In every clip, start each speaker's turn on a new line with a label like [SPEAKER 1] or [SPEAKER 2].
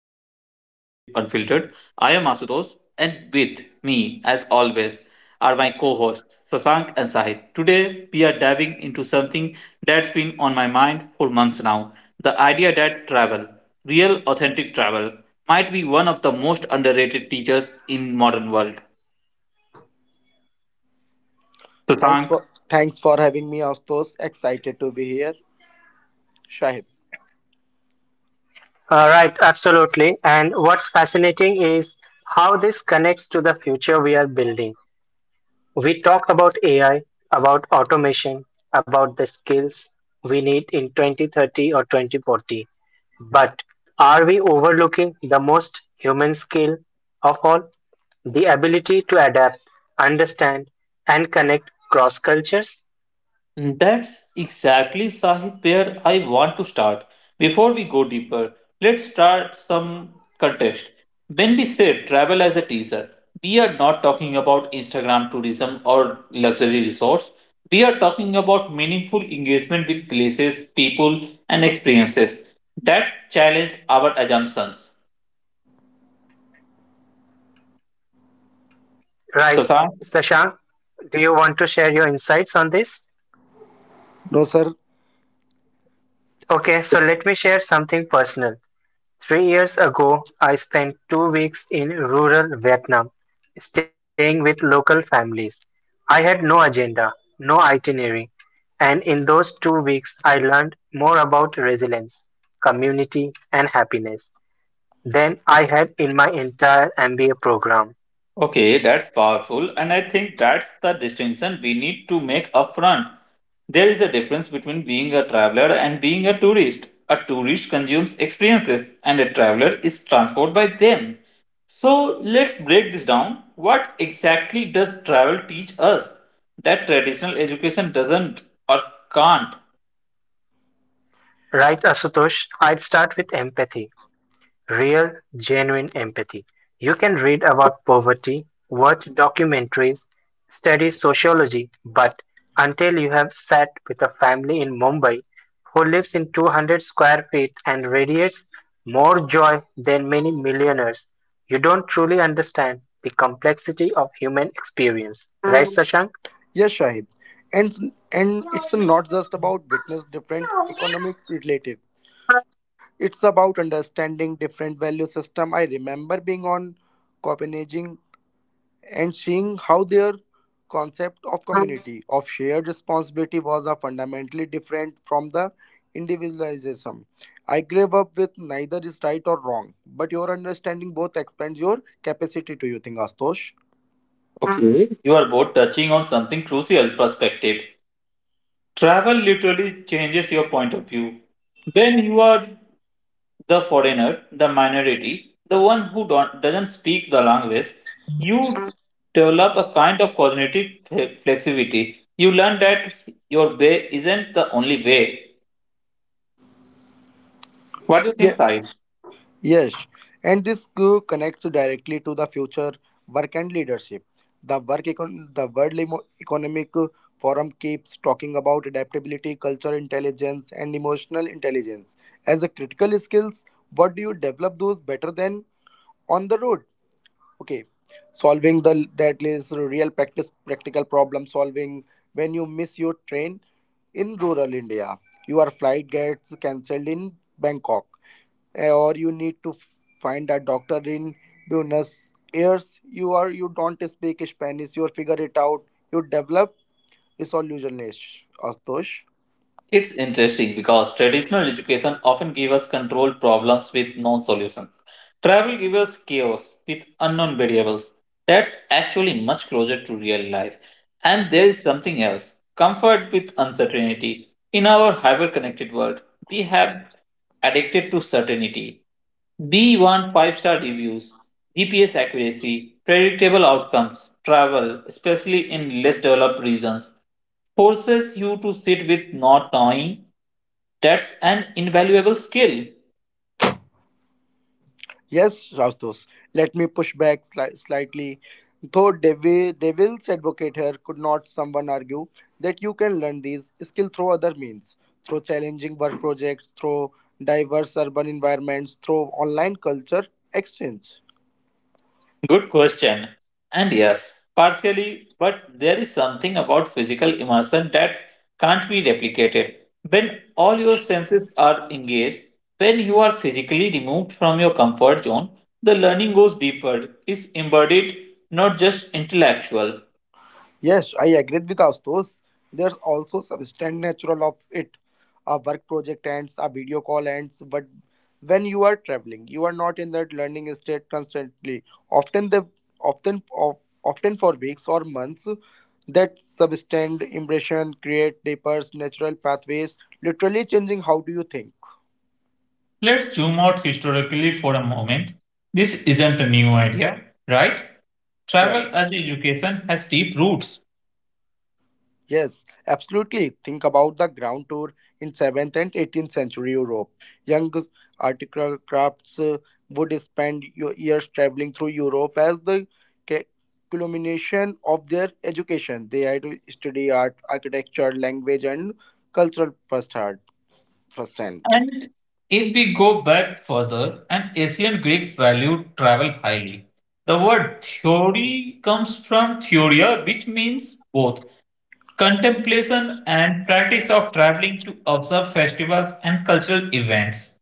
[SPEAKER 1] of Perspective Unfiltered. I am Asutosh, and with me, as always, are my co hosts Sasank and Sahid. Today, we are diving into something that's been on my mind for months now the idea that travel, real, authentic travel, might be one of the most underrated teachers in modern world.
[SPEAKER 2] Thanks
[SPEAKER 1] Sasank,
[SPEAKER 2] for thanks for having me, Astos. Excited to be here. Shahid.
[SPEAKER 3] Right, absolutely. And what's fascinating is how this connects to the future we are building. We talk about AI, about automation, about the skills we need in 2030 or 2040. But are we overlooking the most human skill of all? The ability to adapt, understand, and connect cross cultures?
[SPEAKER 1] that's exactly, Sahit, where I want to start. Before we go deeper, let's start some context. When we say travel as a teaser, we are not talking about Instagram tourism or luxury resorts. We are talking about meaningful engagement with places, people, and experiences that challenge our assumptions.
[SPEAKER 3] Right,
[SPEAKER 1] Sasan?
[SPEAKER 3] Sashank, do you want to share your insights on this?
[SPEAKER 2] No, sir.
[SPEAKER 3] Okay, so let me share something personal. 3 years ago I spent 2 weeks in rural Vietnam, staying with local families. I had no agenda, no itinerary, and in those 2 weeks I learned more about resilience, community, and happiness than I had in my entire MBA program.
[SPEAKER 1] Okay, that's powerful, and I think that's the distinction we need to make upfront. There is a difference between being a traveler and being a tourist. A tourist consumes experiences and a traveler is transported by them. So let's break this down. What exactly does travel teach us that traditional education doesn't or can't?
[SPEAKER 3] Right, Asutosh? I would start with empathy. Real, genuine empathy. You can read about poverty, watch documentaries, study sociology, but until you have sat with a family in Mumbai who lives in 200 square feet and radiates more joy than many millionaires, you don't truly understand the complexity of human experience. Right, Sashank?
[SPEAKER 2] Yes, Shahid. And it's not just about witness different economics relative. It's about understanding different value system. I remember being on Copenhagen and seeing how their concept of community, of shared responsibility was a fundamentally different from the individualism. I grew up with neither is right or wrong, but your understanding both expands your capacity to you think, Astosh.
[SPEAKER 1] Okay, you are both touching on something crucial perspective. Travel literally changes your point of view. When you are the foreigner, the minority, the one who don't, doesn't speak the language, you develop a kind of cognitive flexibility. You learn that your way isn't the only way. What do you
[SPEAKER 2] Yeah,
[SPEAKER 1] think, Sai?
[SPEAKER 2] Yes, and this connects directly to the future work and leadership. The World Economic Forum keeps talking about adaptability, cultural intelligence, and emotional intelligence as a critical skills. What do you develop those better than on the road? Okay, solving the that is real practice practical problem solving when you miss your train in rural India, your flight gets cancelled in Bangkok, or you need to find a doctor in Buenos Aires. You are you don't speak Spanish, you figure it out. You develop resolutionist, Astosh.
[SPEAKER 1] It's interesting because traditional education often gives us control problems with known solutions. Travel gives us chaos with unknown variables. That's actually much closer to real life. And there is something else comfort with uncertainty. In our hyper connected world, we have addicted to certainty. We want five-star reviews, GPS accuracy, predictable outcomes, travel, especially in less developed regions forces you to sit with not knowing. That's an invaluable skill.
[SPEAKER 2] Yes, Rastos, let me push back slightly. Though devil's advocate here, could not someone argue that you can learn these skills through other means, through challenging work projects, through diverse urban environments, through online culture exchange?
[SPEAKER 1] Good question. And yes, partially, but there is something about physical immersion that can't be replicated. When all your senses are engaged, when you are physically removed from your comfort zone, the learning goes deeper, is embodied, not just intellectual.
[SPEAKER 2] Yes, I agree with Astos. There's also substantial natural of it. A work project ends, a video call ends, but when you are traveling, you are not in that learning state constantly. Often the often of, often for weeks or months, that substantial impression create deeper natural pathways, literally changing how do you think.
[SPEAKER 1] Let's zoom out historically for a moment. This isn't a new idea, right?
[SPEAKER 2] Right.
[SPEAKER 1] Travel as education has deep roots.
[SPEAKER 2] Yes, absolutely. Think about the ground tour in 7th and 18th century Europe. Young article crafts would spend years traveling through Europe as the ca- culmination of their education. They had to study art, architecture, language, and cultural firsthand. firsthand.
[SPEAKER 1] And if we go back further, and ancient Greeks valued travel highly. The word theory comes from theoria, which means both contemplation and practice of traveling to observe festivals and cultural events.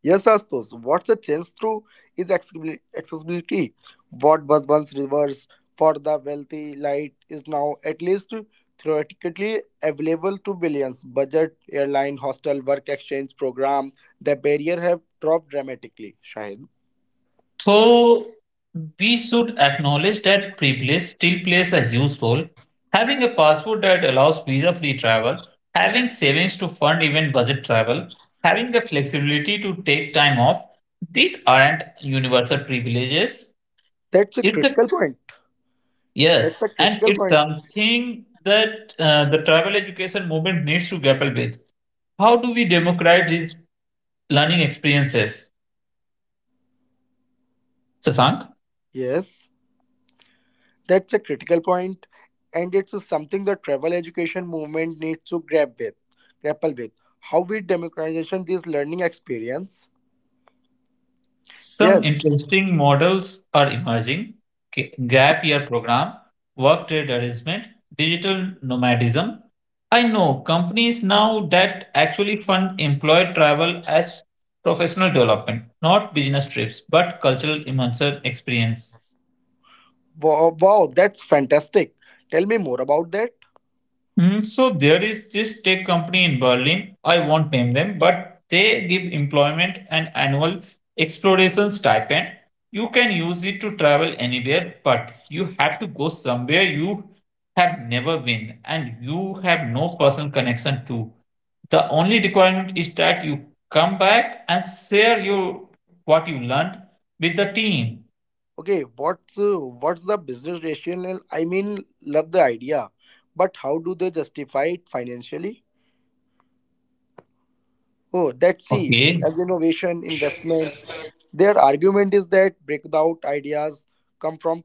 [SPEAKER 2] Yes, Astos, what's the change through is accessibility. What was once reserved for the wealthy light is now at least theoretically available to billions. Budget, airline, hostel, work exchange program, the barrier have dropped dramatically. Shahid.
[SPEAKER 1] So we should acknowledge that privilege still plays a huge role. Having a passport that allows visa-free travel, having savings to fund even budget travel, having the flexibility to take time off, these aren't universal privileges.
[SPEAKER 2] That's a
[SPEAKER 1] It's the
[SPEAKER 2] critical point. That's
[SPEAKER 1] yes,
[SPEAKER 2] a
[SPEAKER 1] and
[SPEAKER 2] critical
[SPEAKER 1] it's
[SPEAKER 2] point.
[SPEAKER 1] something that the travel education movement needs to grapple with. How do we democratize learning experiences? Sasank?
[SPEAKER 2] Yes, that's a critical point, and it's something the travel education movement needs to grapple with. How we democratization this learning experience? Yes.
[SPEAKER 1] Some interesting models are emerging gap year program, work trade arrangement, digital nomadism. I know companies now that actually fund employee travel as professional development, not business trips, but cultural immersion experience.
[SPEAKER 2] Wow, wow, that's fantastic. Tell me more about that.
[SPEAKER 1] So there is this tech company in Berlin. I won't name them, but they give employment and annual exploration stipend. You can use it to travel anywhere, but you have to go somewhere you have never been and you have no personal connection to. The only requirement is that you come back and share your what you learned with the team.
[SPEAKER 2] Okay, what's the business rationale? I mean, love the idea, but how do they justify it financially? Oh, that's see,
[SPEAKER 1] Okay,
[SPEAKER 2] as innovation, investment, their argument is that breakout ideas come from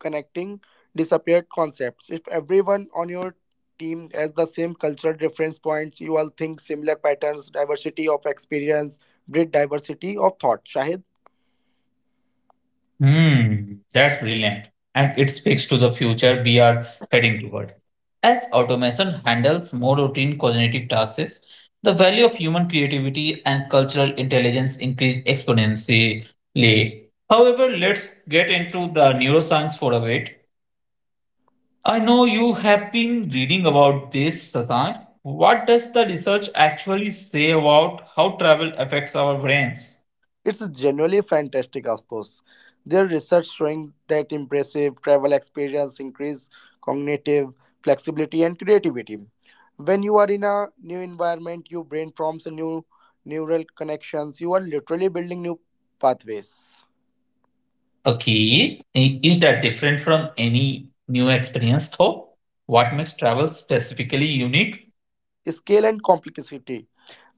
[SPEAKER 2] connecting disappeared concepts. If everyone on your team has the same cultural reference points, you all think similar patterns, diversity of experience, breed diversity of thought. Shahid.
[SPEAKER 1] hmm, that's brilliant. And it speaks to the future we are heading toward. As automation handles more routine cognitive tasks, the value of human creativity and cultural intelligence increase exponentially. However, let's get into the neuroscience for a bit. I know you have been reading about this, Sasan. What does the research actually say about how travel affects our brains?
[SPEAKER 2] It's genuinely fantastic, Astos. Their research showing that impressive travel experience increase cognitive flexibility and creativity. When you are in a new environment, your brain forms a new neural connections. You are literally building new pathways.
[SPEAKER 1] Okay. Is that different from any new experience though? What makes travel specifically unique?
[SPEAKER 2] Scale and complexity.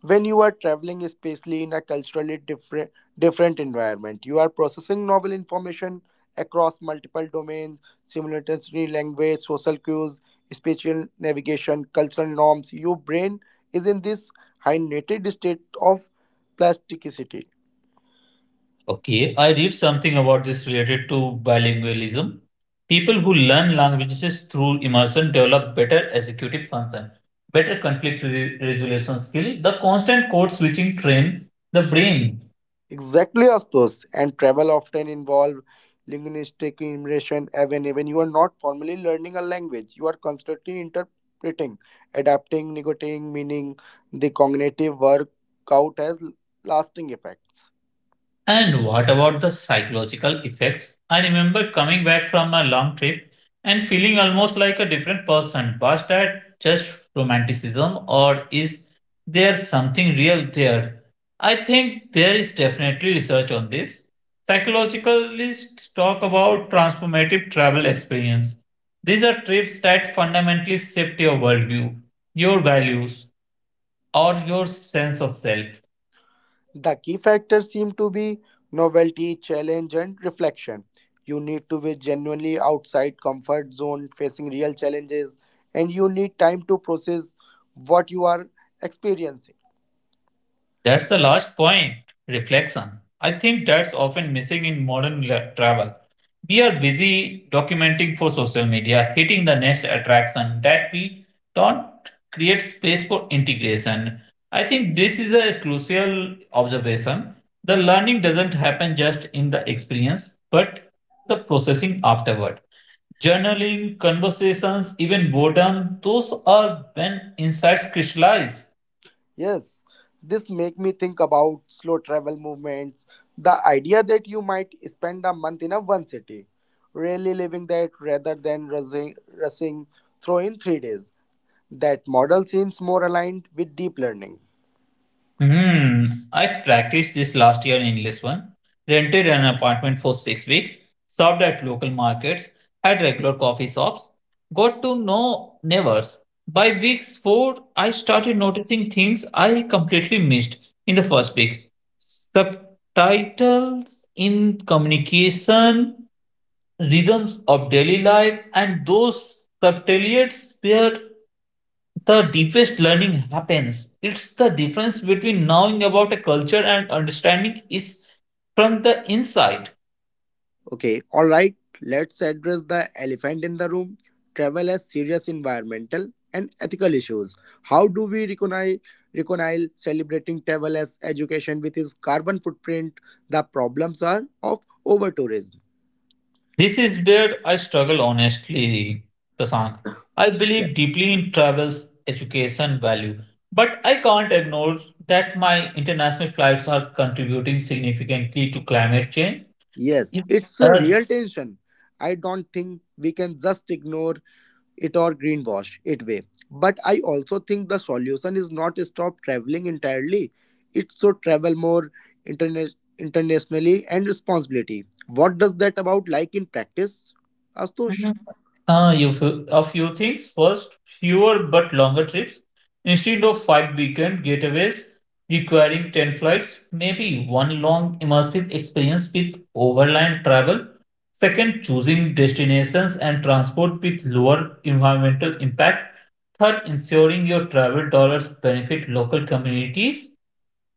[SPEAKER 2] When you are traveling, especially in a culturally different environment, you are processing novel information across multiple domains simultaneously, language, social cues, spatial navigation, cultural norms. Your brain is in this highnated state of plasticity.
[SPEAKER 1] Okay. I read something about this related to bilingualism. People who learn languages through immersion develop better executive function, better conflict resolution skill, the constant code switching train the brain.
[SPEAKER 2] Exactly, Astos. And travel often involve linguistic immersion. Even when you are not formally learning a language, you are constantly interpreting, adapting, negotiating meaning. The cognitive workout has lasting effects.
[SPEAKER 1] And what about the psychological effects? I remember coming back from a long trip and feeling almost like a different person. Was that just romanticism or is there something real there? I think there is definitely research on this. Psychologists talk about transformative travel experience. These are trips that fundamentally shift your worldview, your values, or your sense of self.
[SPEAKER 2] The key factors seem to be novelty, challenge, and reflection. You need to be genuinely outside comfort zone, facing real challenges, and you need time to process what you are experiencing.
[SPEAKER 1] That's the last point reflection. I think that's often missing in modern travel. We are busy documenting for social media, hitting the next attraction that we don't create space for integration. I think this is a crucial observation. The learning doesn't happen just in the experience, but the processing afterward. Journaling, conversations, even boredom, those are when insights crystallize.
[SPEAKER 2] Yes, this make me think about slow travel movements, the idea that you might spend a month in a one city, really living that rather than rushing through in 3 days. That model seems more aligned with deep learning.
[SPEAKER 1] Hmm. I practiced this last year in English one. Rented an apartment for 6 weeks, served at local markets, had regular coffee shops, got to know neighbors. By week four, I started noticing things I completely missed in the first week. Subtitles in communication, rhythms of daily life, and those subtleties were the deepest learning happens. It's the difference between knowing about a culture and understanding is from the inside.
[SPEAKER 2] Okay, all right, let's address the elephant in the room travel as serious environmental and ethical issues. How do we recognize, reconcile celebrating travel as education with its carbon footprint? The problems are of over tourism.
[SPEAKER 1] This is where I struggle honestly, Tasan. I
[SPEAKER 2] Yes.
[SPEAKER 1] believe deeply in travel's education value, but I can't ignore that my international flights are contributing significantly to climate change.
[SPEAKER 2] Yes,
[SPEAKER 1] If
[SPEAKER 2] it's a
[SPEAKER 1] a
[SPEAKER 2] real tension. I don't think we can just ignore it or greenwash it way, but I also think the solution is not stop traveling entirely. It should travel more internationally and responsibility. What does that about like in practice, Astush?
[SPEAKER 1] mhm. You a few things. First, fewer but longer trips. Instead of five weekend getaways requiring 10 flights, maybe one long immersive experience with overland travel. Second, choosing destinations and transport with lower environmental impact. Third, ensuring your travel dollars benefit local communities.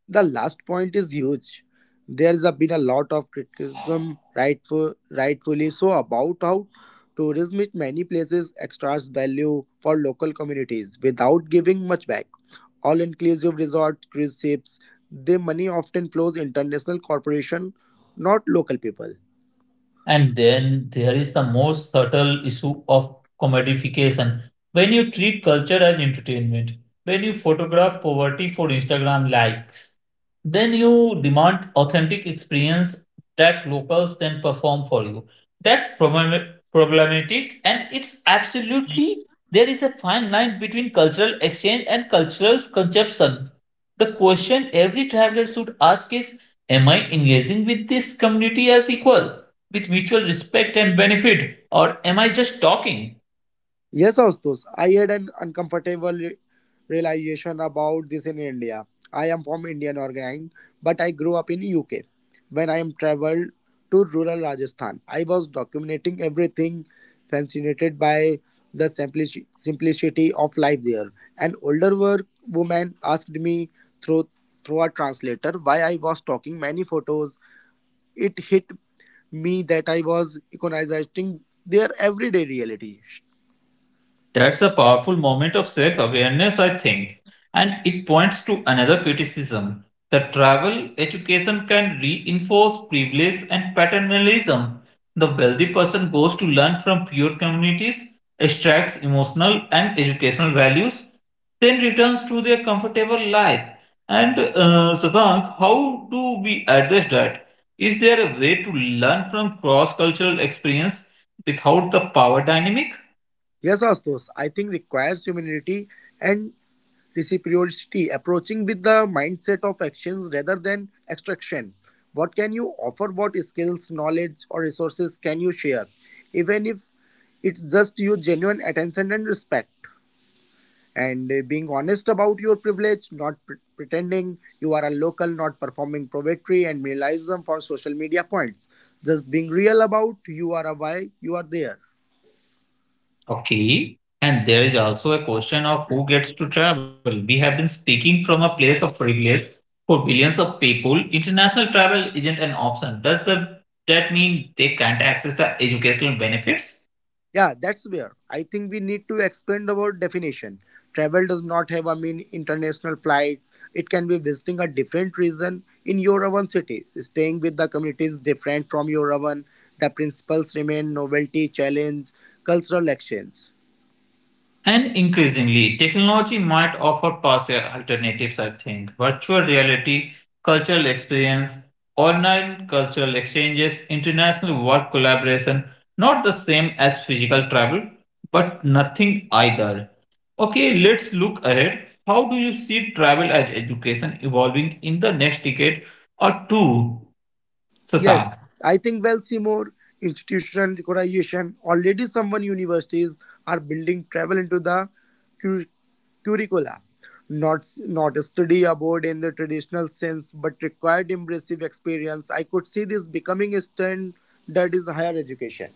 [SPEAKER 2] The last point is huge. Been a lot of criticism rightfully so about how tourism in many places extracts value for local communities without giving much back. All inclusive resort, cruise ships, their money often flows international corporation, not local people.
[SPEAKER 1] And then there is the most subtle issue of commodification. When you treat culture as entertainment, when you photograph poverty for Instagram likes, then you demand authentic experience that locals then perform for you. That's problematic, and it's absolutely there is a fine line between cultural exchange and cultural consumption. The question every traveler should ask is am I engaging with this community as equal? With mutual respect and benefit? Or am I just talking?
[SPEAKER 2] Yes, Astos, I had an uncomfortable realization about this in India. I am from Indian origin, but I grew up in UK. When I am traveled to rural Rajasthan, I was documenting everything, fascinated by the simplicity of life there. An older work woman asked me through through a translator why I was talking many photos. It hit me that I was economizing their everyday reality.
[SPEAKER 1] That's a powerful moment of self awareness, I think. And it points to another criticism that travel education can reinforce privilege and paternalism. The wealthy person goes to learn from poor communities, extracts emotional and educational values, then returns to their comfortable life. And Savang, how do we address that? Is there a way to learn from cross cultural experience without the power dynamic?
[SPEAKER 2] Yes, Astos, I think requires humility and reciprocity, approaching with the mindset of actions rather than extraction. What can you offer? What skills, knowledge, or resources can you share? Even if it's just your genuine attention and respect. And being honest about your privilege, not pretending you are a local, not performing poetry and minimalism for social media points. Just being real about you are a why you are there.
[SPEAKER 1] Okay. And there is also a question of who gets to travel. We have been speaking from a place of privilege for billions of people. International travel isn't an option. Does the, that mean they can't access the educational benefits?
[SPEAKER 2] Yeah, that's where I think we need to expand our definition. Travel does not have, I mean, international flights. It can be visiting a different region in your own city. Staying with the community is different from your own. The principles remain novelty, challenge, cultural exchange.
[SPEAKER 1] And increasingly, technology might offer partial alternatives, I think. Virtual reality, cultural experience, online cultural exchanges, international work collaboration, not the same as physical travel, but nothing either. Okay, let's look ahead. How do you see travel as education evolving in the next decade or two,
[SPEAKER 2] Yes,
[SPEAKER 1] Sasak?
[SPEAKER 2] I think we'll see more institutional decoration, already someone universities are building travel into the cur- curricula. Not a study abroad in the traditional sense, but required immersive experience. I could see this becoming a trend that is higher education.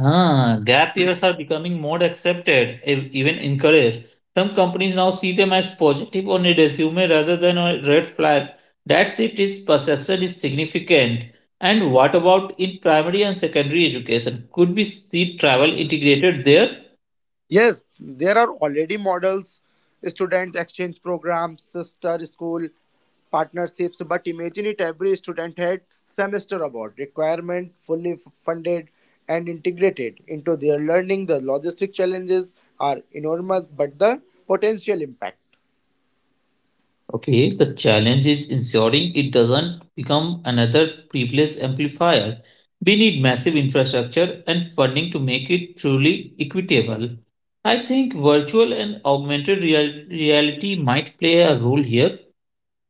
[SPEAKER 1] Ah, gap years are becoming more accepted, even encouraged. Some companies now see them as positive on a resume rather than a red flag. That shift is perception is significant. And what about in primary and secondary education? Could we see travel integrated there?
[SPEAKER 2] Yes, there are already models, student exchange programs, sister school partnerships, but imagine it every student had semester abroad requirement fully funded and integrated into their learning. The logistic challenges are enormous, but the potential impact.
[SPEAKER 1] Okay, the challenge is ensuring it doesn't become another privilege amplifier. We need massive infrastructure and funding to make it truly equitable. I think virtual and augmented reality might play a role here.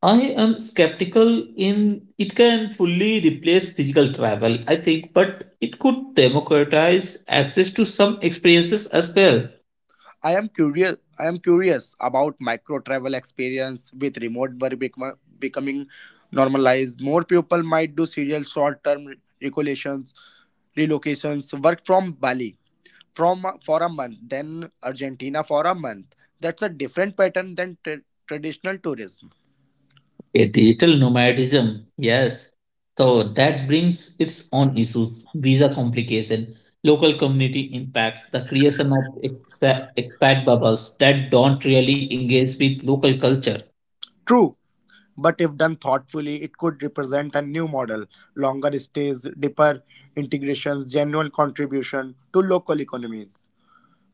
[SPEAKER 1] I am skeptical in it can fully replace physical travel, I think, but it could democratize access to some experiences as well.
[SPEAKER 2] I am curious about micro travel experience with remote work becoming normalized. More people might do serial short term regulations relocations, work from Bali from for a month, then Argentina for a month. That's a different pattern than traditional tourism.
[SPEAKER 1] A digital nomadism, yes. So that brings its own issues, visa complication, local community impacts, the creation of expat bubbles that don't really engage with local culture.
[SPEAKER 2] True, but if done thoughtfully, it could represent a new model: longer stays, deeper integrations, genuine contribution to local economies.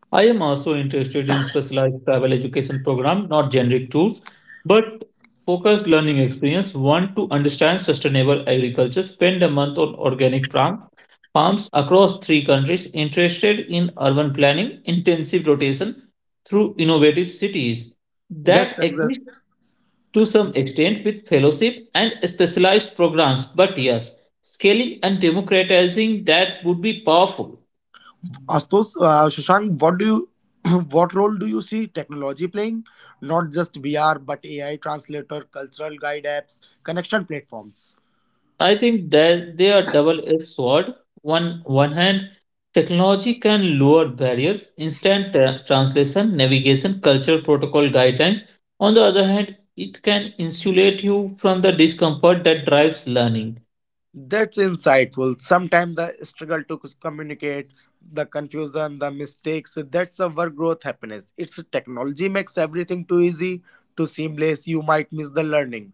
[SPEAKER 1] I am also interested in specialized travel education program, not generic tours, but focused learning experience. Want to understand sustainable agriculture, spend a month on organic farm farms across three countries, interested in urban planning, intensive rotation through innovative cities
[SPEAKER 2] That's
[SPEAKER 1] that
[SPEAKER 2] exa-
[SPEAKER 1] exist to some extent with fellowship and specialized programs. But yes, scaling and democratizing that would be powerful.
[SPEAKER 2] Astos, Shashank, what do you? What role do you see technology playing? Not just VR, but AI translator, cultural guide apps, connection platforms.
[SPEAKER 1] I think that they are double-edged sword. One hand, technology can lower barriers, instant translation, navigation, cultural protocol guidelines. On the other hand, it can insulate you from the discomfort that drives learning.
[SPEAKER 2] That's insightful. Sometimes the struggle to communicate, the confusion, the mistakes, that's a work growth happiness. It's technology makes everything too easy, too seamless. You might miss the learning.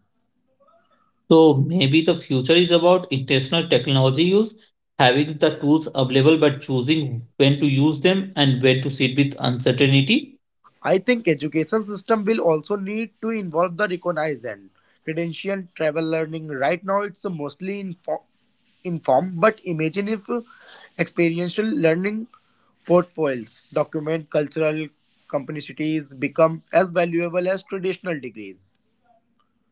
[SPEAKER 1] So maybe the future is about intentional technology use, having the tools available but choosing when to use them and when to sit with uncertainty.
[SPEAKER 2] I think education system will also need to involve the recognized and credential travel learning. Right now, it's mostly informed, but imagine if experiential learning portfolios, document cultural complexities become as valuable as traditional degrees.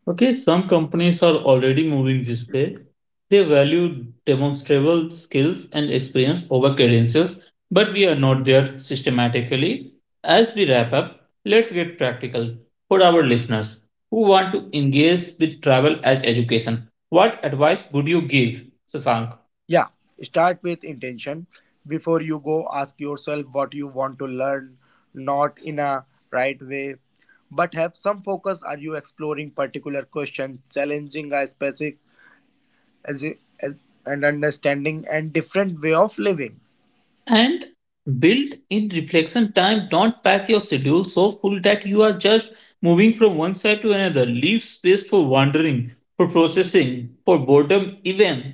[SPEAKER 1] Okay, some companies are already moving this way. They value demonstrable skills and experience over credentials, but we are not there systematically. As we wrap up, let's get practical for our listeners who want to engage with travel as education. What advice would you give, Sasank?
[SPEAKER 2] Yeah, start with intention. Before you go, ask yourself what you want to learn, not in a right way, but have some focus. Are you exploring particular question, challenging a specific as, as and understanding and different way of living?
[SPEAKER 1] And build in reflection time. Don't pack your schedule so full that you are just moving from one side to another. Leave space for wandering, for processing, for boredom, even.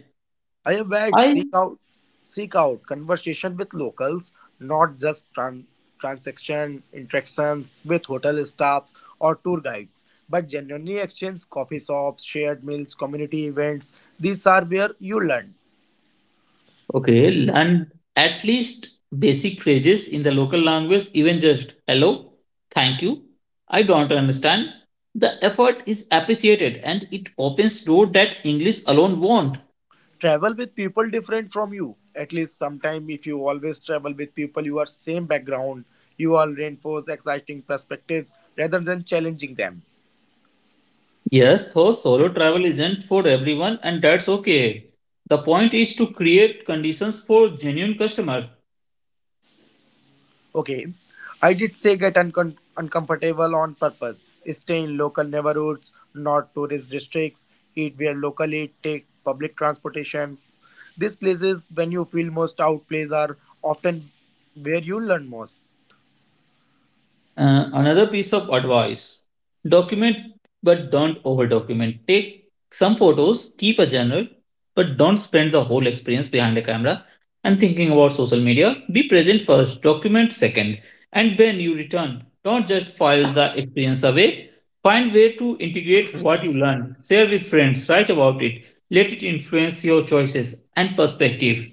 [SPEAKER 2] I have had
[SPEAKER 1] I
[SPEAKER 2] seek out Seek out conversation with locals, not just transaction interactions with hotel staffs or tour guides, but genuinely exchange coffee shops, shared meals, community events. These are where you learn.
[SPEAKER 1] okay, learn at least basic phrases in the local language, even just hello, thank you. I don't understand. The effort is appreciated and it opens door that English alone won't.
[SPEAKER 2] Travel with people different from you. At least sometime if you always travel with people you are same background, you all reinforce exciting perspectives rather than challenging them.
[SPEAKER 1] Yes, though solo travel isn't for everyone, and that's okay. The point is to create conditions for genuine customers.
[SPEAKER 2] Okay, I did say get uncomfortable on purpose. Stay in local neighborhoods, not tourist districts. Eat where locally, take public transportation. These places, when you feel most out, places are often where you learn most.
[SPEAKER 1] Another piece of advice document but don't over document. Take some photos, keep a journal, but don't spend the whole experience behind a camera and thinking about social media. Be present first, document second, and when you return, don't just file the experience away. Find way to integrate what you learn, share with friends, write about it, let it influence your choices and perspective.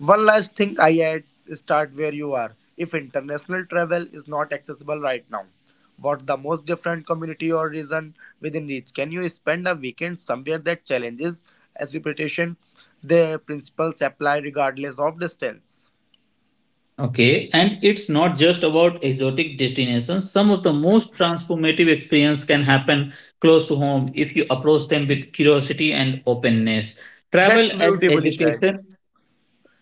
[SPEAKER 2] One last thing I add, start where you are. If international travel is not accessible right now, what the most different community or region within reach? Can you spend a weekend somewhere that challenges expectations? The principles apply regardless of distance.
[SPEAKER 1] Okay, and it's not just about exotic destinations. Some of the most transformative experience can happen close to home if you approach them with curiosity and openness. Travel
[SPEAKER 2] That's
[SPEAKER 1] as
[SPEAKER 2] beautifully shared.
[SPEAKER 1] education,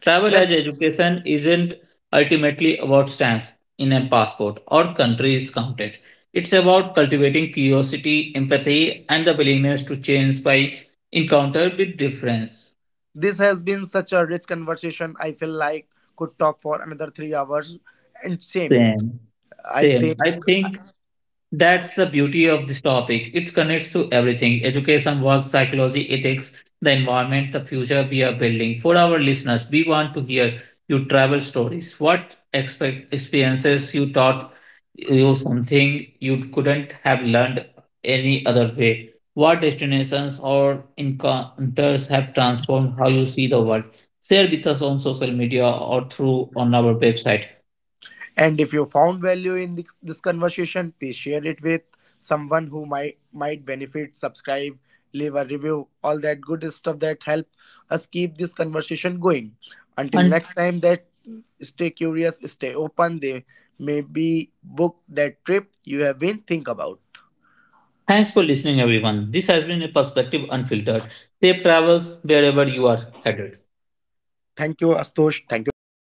[SPEAKER 1] travel as
[SPEAKER 2] That
[SPEAKER 1] education isn't ultimately about stamps in a passport or countries counted. It's about cultivating curiosity, empathy, and the willingness to change by encounter with difference.
[SPEAKER 2] this has been such a rich conversation. I feel like could talk for another 3 hours. And same,
[SPEAKER 1] Same,
[SPEAKER 2] I
[SPEAKER 1] same. I
[SPEAKER 2] think.
[SPEAKER 1] think That's the beauty of this topic. It connects to everything education, work, psychology, ethics, the environment, the future we are building. For our listeners, we want to hear your travel stories. What expect experiences you taught you something you couldn't have learned any other way? What destinations or encounters have transformed how you see the world? Share with us on social media or through on our website.
[SPEAKER 2] And if you found value in this conversation, please share it with someone who might benefit. Subscribe, leave a review, all that good stuff that help us keep this conversation going. Until next time, that stay curious, stay open. They maybe book that trip you have been think about.
[SPEAKER 1] Thanks for listening, everyone. This has been a perspective unfiltered. Safe travels wherever you are headed.
[SPEAKER 2] Thank you, Astosh. Thank you, Shahid.